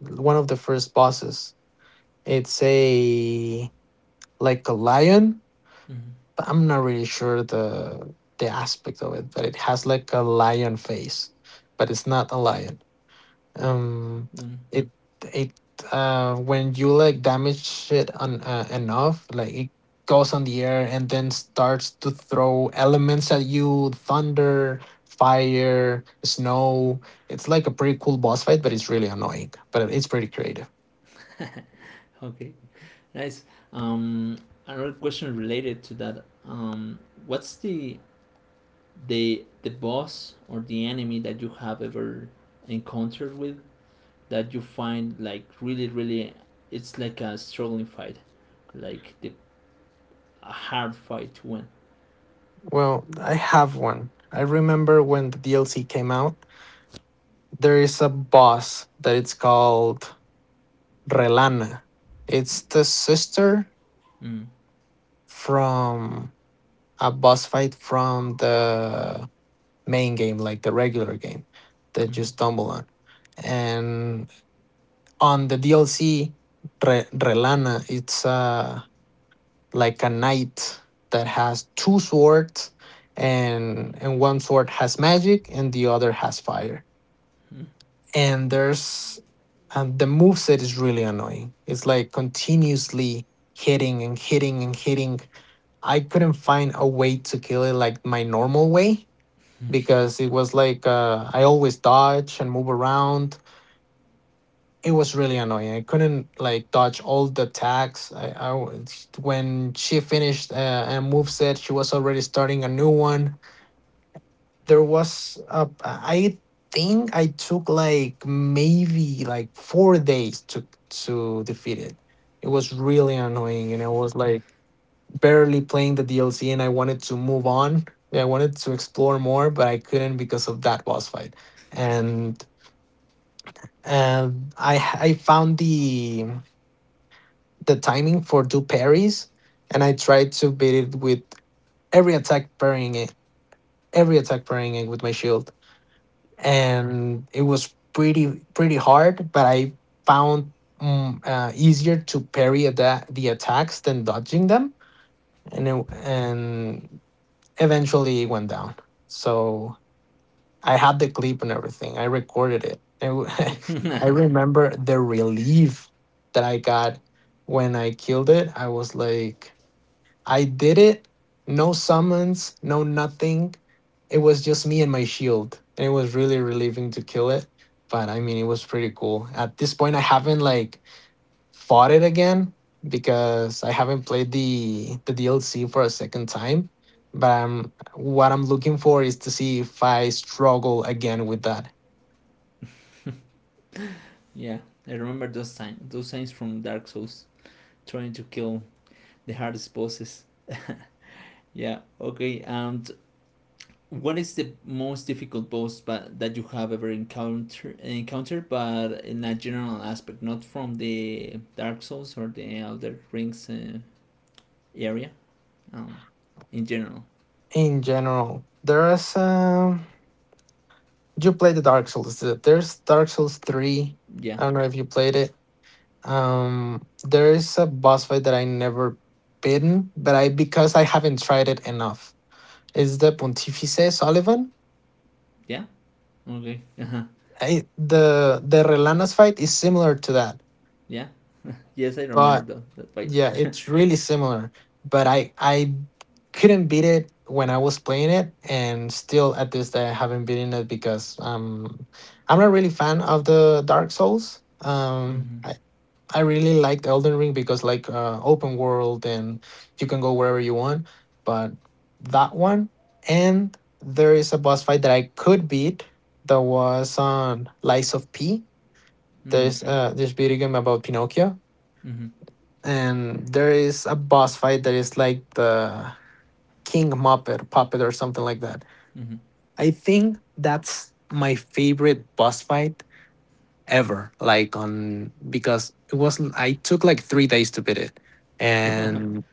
[SPEAKER 2] one of the first bosses. It's a like a lion,
[SPEAKER 1] mm-hmm.
[SPEAKER 2] but I'm not really sure the aspect of it, but it has like a lion face, but it's not a lion. Um
[SPEAKER 1] Mm-hmm.
[SPEAKER 2] it it When you like damage shit on enough, like it goes on the air and then starts to throw elements at you, thunder fire snow. It's like a pretty cool boss fight, but it's really annoying, but it's pretty creative.
[SPEAKER 1] Okay. Nice. Um, Another question related to that. What's the boss or the enemy that you have ever encountered with that you find like really it's like a struggling fight, like the a hard fight to win.
[SPEAKER 2] Well, I have one. I remember when the DLC came out, there is a boss that it's called Relana. It's the sister
[SPEAKER 1] Mm,
[SPEAKER 2] from a boss fight from the main game, like the regular game that you
[SPEAKER 1] mm,
[SPEAKER 2] stumble on. And on the DLC, Relana, it's like a knight that has two swords, and one sword has magic and the other has fire.
[SPEAKER 1] mm.
[SPEAKER 2] and there's and the moveset is really annoying. It's like continuously hitting and hitting and hitting. I couldn't find a way to kill it like my normal way because it was like I always dodge and move around. It was really annoying. I couldn't like dodge all the attacks. I when she finished a move set, she was already starting a new one. There was a, I think I took like maybe like 4 days to defeat it. It was really annoying, and I was like barely playing the DLC, and I wanted to move on. I wanted to explore more, but I couldn't because of that boss fight. And I found the timing for do parries, and I tried to beat it with every attack parrying it, every attack parrying it with my shield. And it was pretty pretty hard, but I found easier to parry the attacks than dodging them. And eventually it went down. So I had the clip and everything. I recorded it and remember the relief that I got when I killed it. I was like, I did it. No summons, no nothing. It was just me and my shield. And it was really relieving to kill it. But I mean, it was pretty cool. At this point, I haven't like fought it again because I haven't played the DLC for a second time. But I'm, what I'm looking for is to see if I struggle again with that.
[SPEAKER 1] Yeah, I remember those times from Dark Souls trying to kill the hardest bosses. Yeah. Okay. And what is the most difficult boss but that you have ever encountered but in a general aspect, not from the Dark Souls or the Elder Rings area? Um in general.
[SPEAKER 2] In general, there's you played the Dark Souls. There's Dark Souls three.
[SPEAKER 1] Yeah.
[SPEAKER 2] I don't know if you played it. There is a boss fight that I never beaten, but I because I haven't tried it enough. It's the Pontifice Sullivan?
[SPEAKER 1] Yeah? Okay. Uh-huh.
[SPEAKER 2] I, the Relanas fight is similar to that,
[SPEAKER 1] Yeah. Yes, I remember
[SPEAKER 2] but
[SPEAKER 1] that fight.
[SPEAKER 2] yeah, it's really similar. But I couldn't beat it when I was playing it, and still at this day I haven't beaten it because I'm not really fan of the Dark Souls.
[SPEAKER 1] Mhm.
[SPEAKER 2] I really liked Elden Ring because like open world and you can go wherever you want. But that one and there is a boss fight that I could beat that was on Lies of P.
[SPEAKER 1] Mhm.
[SPEAKER 2] There's this video game about Pinocchio,
[SPEAKER 1] Mhm.
[SPEAKER 2] and there is a boss fight that is like the King Muppet puppet or something like that.
[SPEAKER 1] Mhm.
[SPEAKER 2] I think that's my favorite boss fight ever, like on because it was I took like 3 days to beat it. and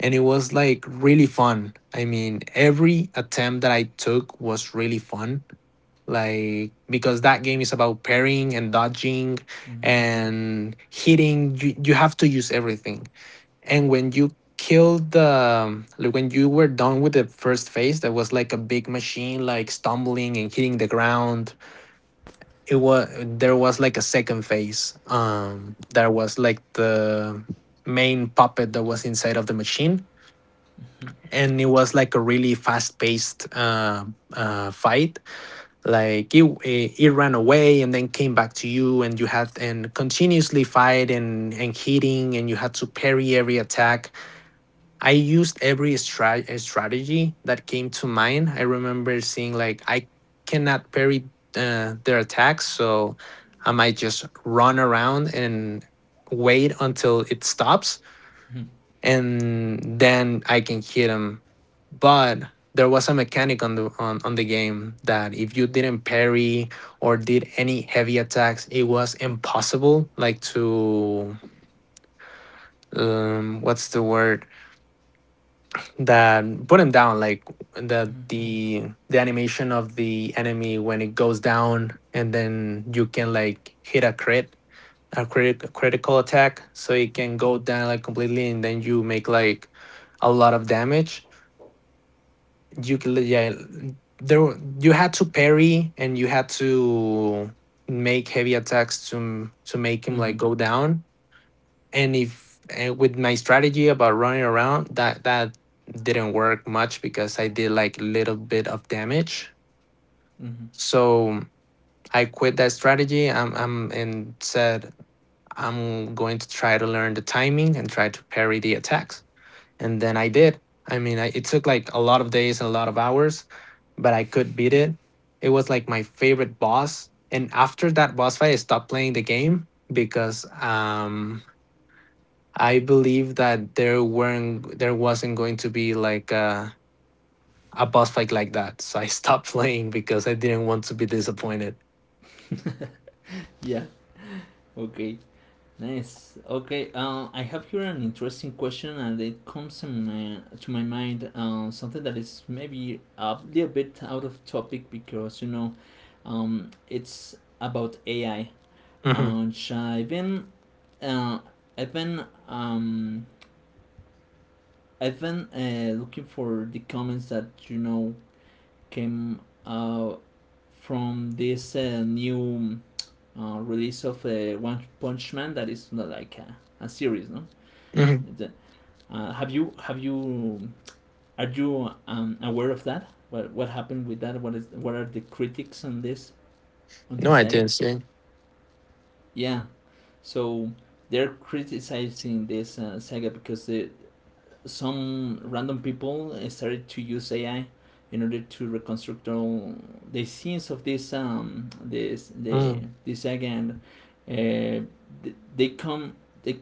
[SPEAKER 2] and it was like really fun. I mean, every attempt that I took was really fun, like because that game is about parrying and dodging
[SPEAKER 1] Mhm.
[SPEAKER 2] and hitting. You have to use everything. And when you killed the, like when you were done with the first phase, that was like a big machine like stumbling and hitting the ground. It was There was like a second phase. There was like the main puppet that was inside of the machine, and it was like a really fast-paced fight. Like it ran away and then came back to you, and you had and continuously fight and hitting, and you had to parry every attack. I used every strategy that came to mind. I remember seeing like I cannot parry their attacks, so I might just run around and wait until it stops, and then I can hit them. But there was a mechanic on the on the game that if you didn't parry or did any heavy attacks, it was impossible like to what's the word, that put him down, like
[SPEAKER 1] Mhm.
[SPEAKER 2] the
[SPEAKER 1] Mhm.
[SPEAKER 2] the animation of the enemy when it goes down and then you can like hit a crit, critical attack, so it can go down like completely and then you make like a lot of damage. You can, yeah, you had to parry and you had to make heavy attacks to make him like
[SPEAKER 1] Mhm.
[SPEAKER 2] go down. And if and with my strategy about running around, that that didn't work much because I did like little bit of damage.
[SPEAKER 1] Mhm.
[SPEAKER 2] So I quit that strategy. I'm and said, I'm going to try to learn the timing and try to parry the attacks. And then I did. I mean, I, it took like a lot of days and a lot of hours, but I could beat it. It was like my favorite boss, and after that boss fight I stopped playing the game because I believe that there weren't, there wasn't going to be like a boss fight like that. So I stopped playing because I didn't want to be disappointed.
[SPEAKER 1] Yeah. Okay. Nice. Okay. I have here an interesting question, and it comes to my mind. Something that is maybe a little bit out of topic because it's about AI.
[SPEAKER 2] hmm
[SPEAKER 1] And so uh, I've been, um, I've been looking for the comments that you know came from this new release of One Punch Man that is not like a series, no?
[SPEAKER 2] hmm
[SPEAKER 1] It's have you Are you aware of that? What happened with that? What are the critics on this on
[SPEAKER 2] No,
[SPEAKER 1] this
[SPEAKER 2] I
[SPEAKER 1] saga?
[SPEAKER 2] didn't see.
[SPEAKER 1] Yeah, so they're criticizing this saga because the some random people started to use AI in order to reconstruct all the scenes of this um this the
[SPEAKER 2] Mm.
[SPEAKER 1] this saga and uh, they come they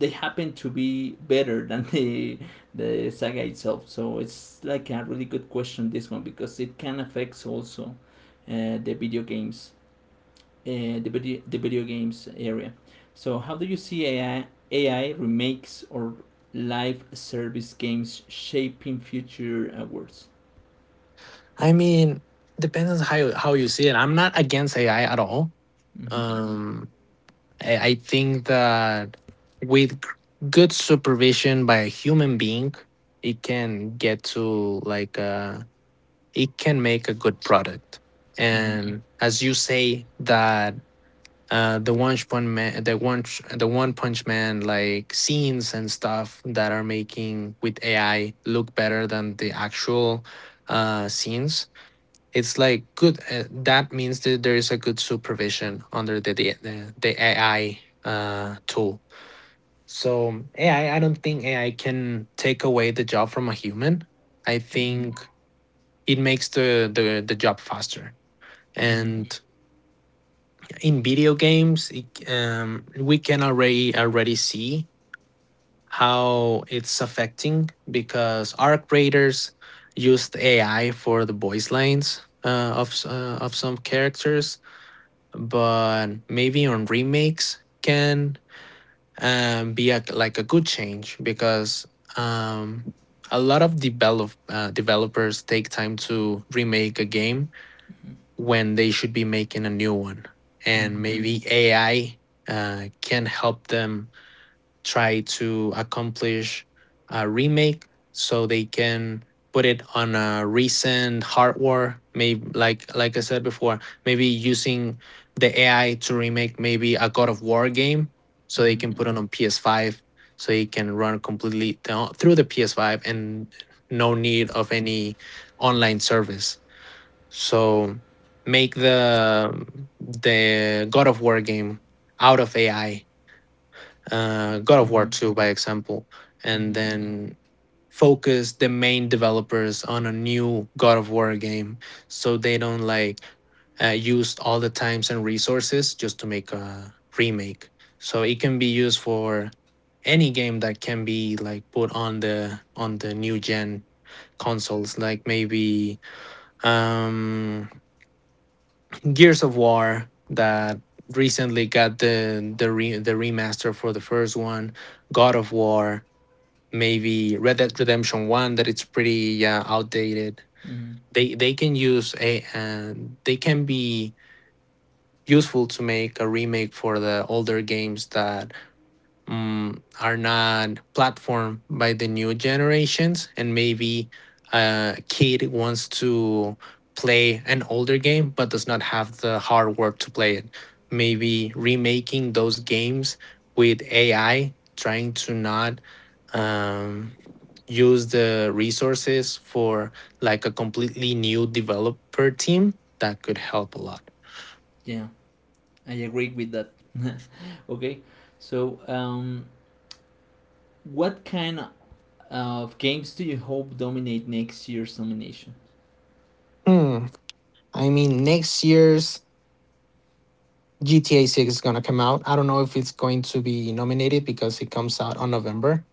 [SPEAKER 1] they happen to be better than the saga itself. So it's like a really good question this one because it can affect also uh, the video games, the video games area. So how do you see AI remakes or live service games shaping future awards?
[SPEAKER 2] I mean, depends on how how you see it. I'm not against AI at all.
[SPEAKER 1] Mm-hmm.
[SPEAKER 2] Um, I think that with good supervision by a human being, it can get to like it can make a good product.
[SPEAKER 1] Mm-hmm.
[SPEAKER 2] And as you say that, the one punch man, the one punch man like scenes and stuff that are making with AI look better than the actual scenes, it's like good. That means that there is a good supervision under the AI tool. So AI, I don't think AI can take away the job from a human. I think it makes the job faster.
[SPEAKER 1] Mm-hmm.
[SPEAKER 2] And in video games, it, we can already see how it's affecting because our creators used AI for the voice lines of some characters. But maybe on remakes can be a, like a good change because um, a lot of developers take time to remake a game when they should be making a new one.
[SPEAKER 1] Mm-hmm.
[SPEAKER 2] And
[SPEAKER 1] Mm-hmm.
[SPEAKER 2] maybe AI can help them try to accomplish a remake so they can put it on a recent hardware, maybe, like I said before. Maybe using the AI to remake maybe a God of War game, so they
[SPEAKER 1] Mm-hmm.
[SPEAKER 2] can put it on PS5, so it can run completely down, through the PS5 and no need of any online service. So make the God of War game out of AI, God
[SPEAKER 1] Mm-hmm.
[SPEAKER 2] of War
[SPEAKER 1] Mm-hmm.
[SPEAKER 2] 2, by example, and
[SPEAKER 1] Mm-hmm.
[SPEAKER 2] then focus the main developers on a new God of War game, so they don't like used all the times and resources just to make a remake. So it can be used for any game that can be like put on the new gen consoles, like maybe um Gears of War, that recently got the the remaster for the first one, God of War, maybe Red Dead Redemption One, that it's pretty yeah outdated.
[SPEAKER 1] Mm-hmm.
[SPEAKER 2] They can use a and they can be useful to make a remake for the older games that are not platformed by the new generations, and maybe a kid wants to play an older game but does not have the hardware to play it. Maybe remaking those games with ai, trying to not um, use the resources for like a completely new developer team, that could help a lot.
[SPEAKER 1] Yeah, I agree with that. Okay, so What kind of games do you hope dominate next year's nomination?
[SPEAKER 2] Hmm. i mean next year's GTA 6 is going to come out. I don't know if it's going to be nominated because it comes out on November.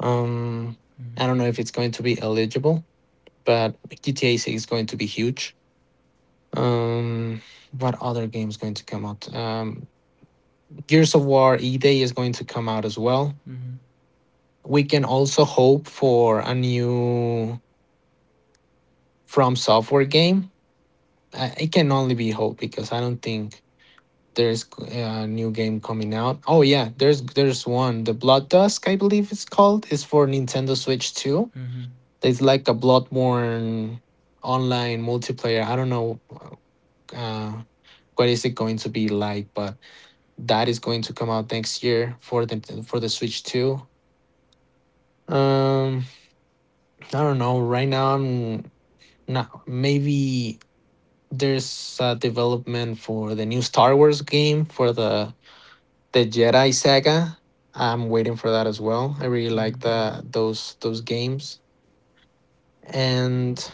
[SPEAKER 2] Um,
[SPEAKER 1] Mm-hmm.
[SPEAKER 2] I don't know if it's going to be eligible, but GTA 6 is going to be huge. Um, what other game is going to come out? Gears of War E Day is going to come out as well.
[SPEAKER 1] Mm-hmm.
[SPEAKER 2] We can also hope for a new From Software game. It can only be hope because I don't think there's a new game coming out. Oh yeah, there's one. The Blood Dusk, I believe it's called, is for Nintendo Switch 2.
[SPEAKER 1] Mm-hmm.
[SPEAKER 2] It's like a Bloodborne online multiplayer. I don't know uh, what is it going to be like, but that is going to come out next year for the Switch 2. Um, I don't know. Right now, I'm not. Maybe there's a development for the new Star Wars game for the Jedi Saga. I'm waiting for that as well. I really
[SPEAKER 1] Mm-hmm.
[SPEAKER 2] like the those games and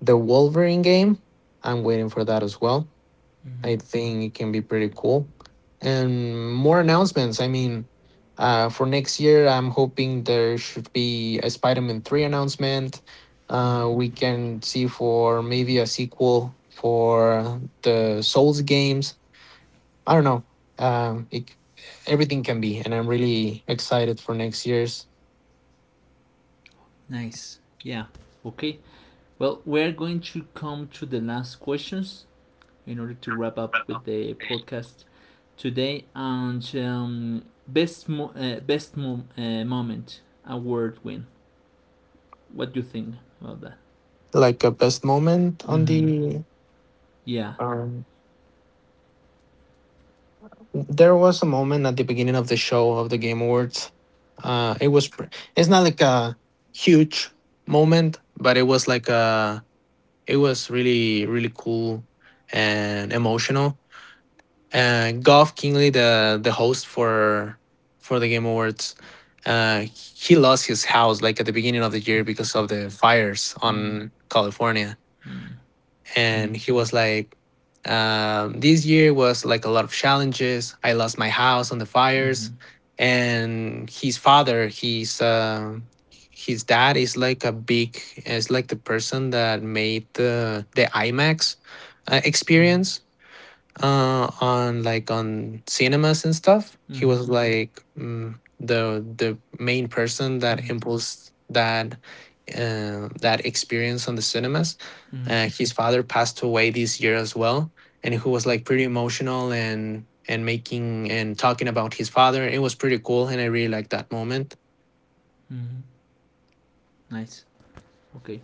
[SPEAKER 2] the Wolverine game. I'm waiting for that as well.
[SPEAKER 1] Mm-hmm.
[SPEAKER 2] I think it can be pretty cool. And more announcements. I mean, for next year, I'm hoping there should be a Spider-Man three announcement. We
[SPEAKER 1] Mm-hmm.
[SPEAKER 2] can see for maybe a sequel for the Souls games. I don't know. Um, it, c- Everything can be, and I'm really excited for next year's.
[SPEAKER 1] Nice. Yeah. Okay. Well, we're going to come to the last questions in order to wrap up with the podcast today. And best moment award win. What do you think about that?
[SPEAKER 2] Like a best moment on
[SPEAKER 1] Mm-hmm.
[SPEAKER 2] the.
[SPEAKER 1] Yeah.
[SPEAKER 2] Um, there was a moment at the beginning of the show of the Game Awards. Uh, it was. pr- It's not like a huge moment, but it was like a. It was really cool and emotional. Goff Kingley, the host for the Game Awards, uh, he lost his house like at the beginning of the year because of the fires
[SPEAKER 1] Mm-hmm.
[SPEAKER 2] on California,
[SPEAKER 1] Mm-hmm. Mm-hmm.
[SPEAKER 2] and he was like, "This year was like a lot of challenges. I lost my house on the
[SPEAKER 1] Mm-hmm.
[SPEAKER 2] fires, and his father, he's." His dad is like a big, is like the person that made the IMAX
[SPEAKER 1] Mm-hmm.
[SPEAKER 2] experience on like on cinemas and stuff. He was like the main person that
[SPEAKER 1] Mm-hmm.
[SPEAKER 2] imposed that that experience on the cinemas.
[SPEAKER 1] Mm-hmm.
[SPEAKER 2] His father passed away this year as well, and who was
[SPEAKER 1] Mm-hmm.
[SPEAKER 2] like pretty emotional, and making and talking about his father. It was pretty cool, and I really liked that moment.
[SPEAKER 1] Mm-hmm. Nice. Okay.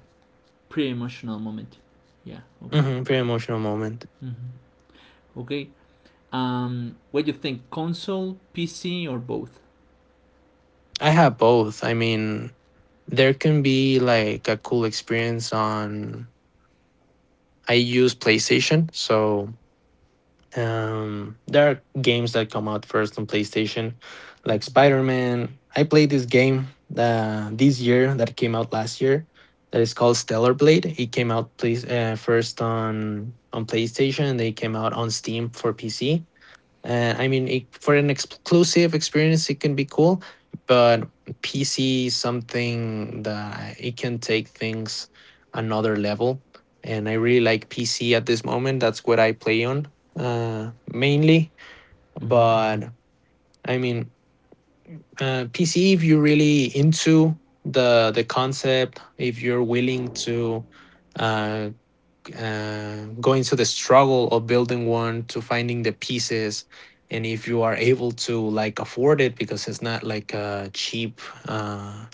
[SPEAKER 1] Pretty emotional moment. Yeah. Okay.
[SPEAKER 2] Very emotional moment.
[SPEAKER 1] Mm-hmm. Okay. What do you think? Console, PC, or both?
[SPEAKER 2] I have both. I mean, there can be like a cool experience on. I use PlayStation, so. There are games that come out first on PlayStation, like Spider
[SPEAKER 1] Mm-hmm.
[SPEAKER 2] Man. I played this game this year that came out last year. That is called Stellar Blade. It came out please first on PlayStation, and they came out on Steam for PC. And I mean, it, for an exclusive experience, it can be cool, but PC is something that it can take things another level. And I really like PC at this moment. That's what I play on mainly.
[SPEAKER 1] Mm-hmm.
[SPEAKER 2] But I mean, PC, if you're really into the concept, if you're willing to uh, going to the struggle of building one, to finding the pieces, and if you are able to like afford it, because it's not like a cheap uh,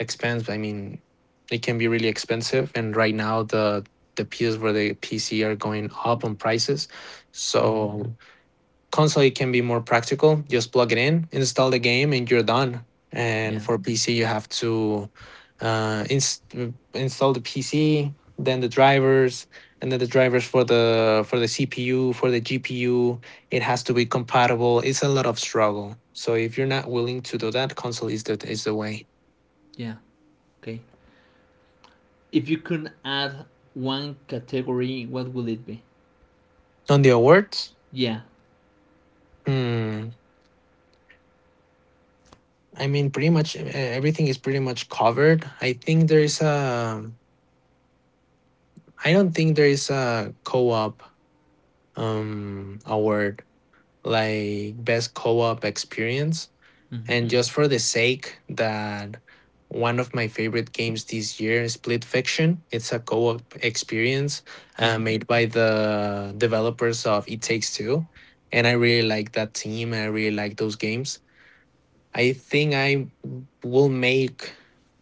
[SPEAKER 2] expense. I mean, it can be really expensive, and right now the pieces for the pc are going up on prices.
[SPEAKER 1] Mm-hmm.
[SPEAKER 2] So console, it can be more practical, just plug it in, install the game, and you're done. And
[SPEAKER 1] Yeah.
[SPEAKER 2] for pc you have to uh, inst- install the pc, then the drivers, and then the drivers for the cpu, for the gpu. It has to be compatible. It's a lot of struggle, so if you're not willing to do that, console is the way.
[SPEAKER 1] Yeah. Okay. If you could add one category, what would it be?
[SPEAKER 2] On the awards.
[SPEAKER 1] Yeah.
[SPEAKER 2] hmm, I mean, pretty much everything is pretty much covered. I think there is a, I don't think there is a co-op award, like best co-op experience.
[SPEAKER 1] Mm-hmm.
[SPEAKER 2] And Mm. Just for the sake that one of my favorite games this year is Split Fiction. It's a co-op experience
[SPEAKER 1] Mm-hmm.
[SPEAKER 2] made by the developers of It Takes Two. And I really like that team, I really like those games. I think I will make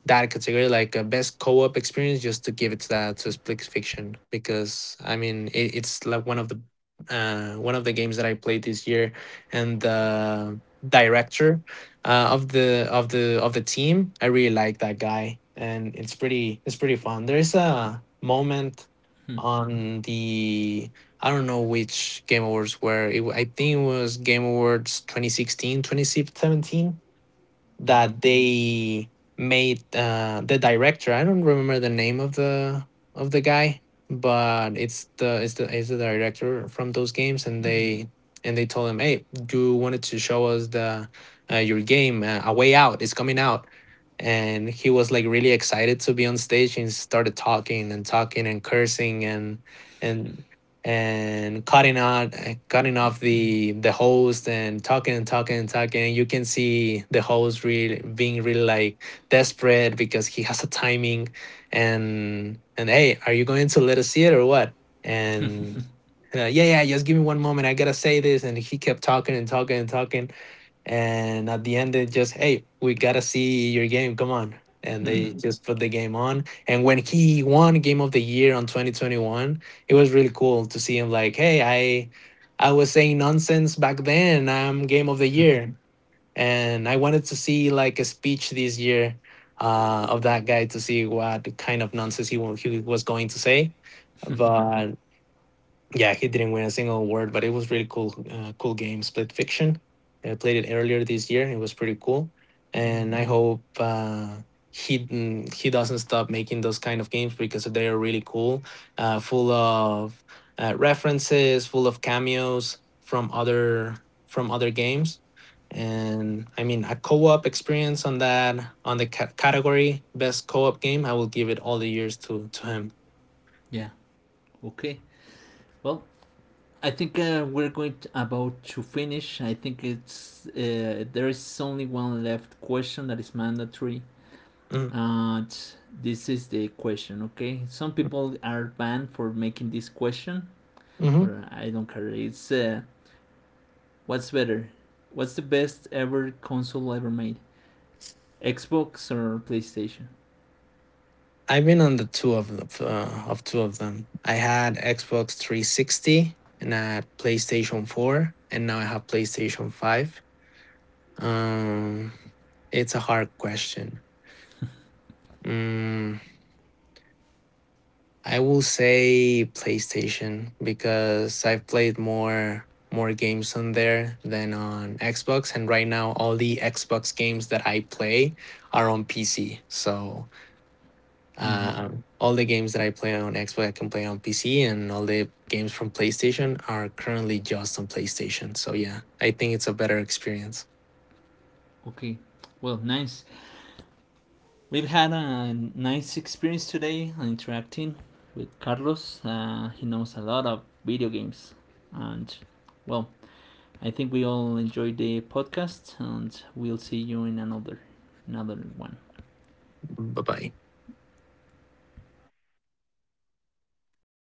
[SPEAKER 2] that category like a best co-op experience, just to give it to that, to Split Fiction, because I mean, it's like one of the games that I played this year. And the director of the of the team, I really like that guy, and it's pretty, it's pretty fun. There's a moment on the, I don't know which Game Awards were. I think it was Game Awards 2016, 2017,
[SPEAKER 1] Mm-hmm.
[SPEAKER 2] that they made the director, I don't remember the name of the guy, but it's the it's the it's the director from those games. And
[SPEAKER 1] Mm-hmm.
[SPEAKER 2] they, and they told him, hey, you wanted to show us the your game. A Way Out is coming out. And he was like really excited to be on stage, and started talking and talking and cursing and and cutting out cutting off
[SPEAKER 1] Mm-hmm.
[SPEAKER 2] the host, and talking and talking and talking. You can see the host really being really like desperate because he has a timing, and hey, are you going to let us see it or what? And yeah yeah, just give me one moment, I gotta say this. And he kept talking and talking and talking. And at the end, they just, hey, we got to see your game. Come on. And
[SPEAKER 1] Mm-hmm.
[SPEAKER 2] they just put the game on. And when he won Game of the Year on 2021, it was really cool to see him like, hey, I was saying nonsense back then. I'm Game of the Year. And I wanted to see like a speech this year of that guy, to see what kind of nonsense he was going to say. But yeah, he didn't win a single award, but it was really cool, cool game, Split Fiction. I played it earlier this year. It was pretty cool,
[SPEAKER 1] Mm-hmm.
[SPEAKER 2] and I hope he doesn't stop making those kind of games, because they are really cool, full of references, full of cameos from other games. And I mean, a co-op experience on that, on the category best co-op game, I will give it all the years to him.
[SPEAKER 1] Yeah. Okay. Well, I think we're about to finish. I think it's there is only one left question that is mandatory.
[SPEAKER 2] Mm-hmm.
[SPEAKER 1] And this is the question, okay? Some people are banned for making this question, but I don't care. It's what's better? What's the best ever console ever made? Xbox or PlayStation?
[SPEAKER 2] I've been on the two of the, of two of them. I had Xbox 360, and I had PlayStation 4, and now I have PlayStation 5. Um, it's a hard question. Mm, I will say PlayStation because I've played more more games on there than on Xbox, and right now all the Xbox games that I play are on PC. So
[SPEAKER 1] Mm-hmm.
[SPEAKER 2] All the games that I play on Xbox, I can play on PC, and all the games from PlayStation are currently just on PlayStation. So yeah, I think it's a better experience.
[SPEAKER 1] Okay. Well, nice. We've had a nice experience today interacting with Carlos. He knows a lot of video games. And, well, I think we all enjoyed the podcast, and we'll see you in another one.
[SPEAKER 2] Bye bye.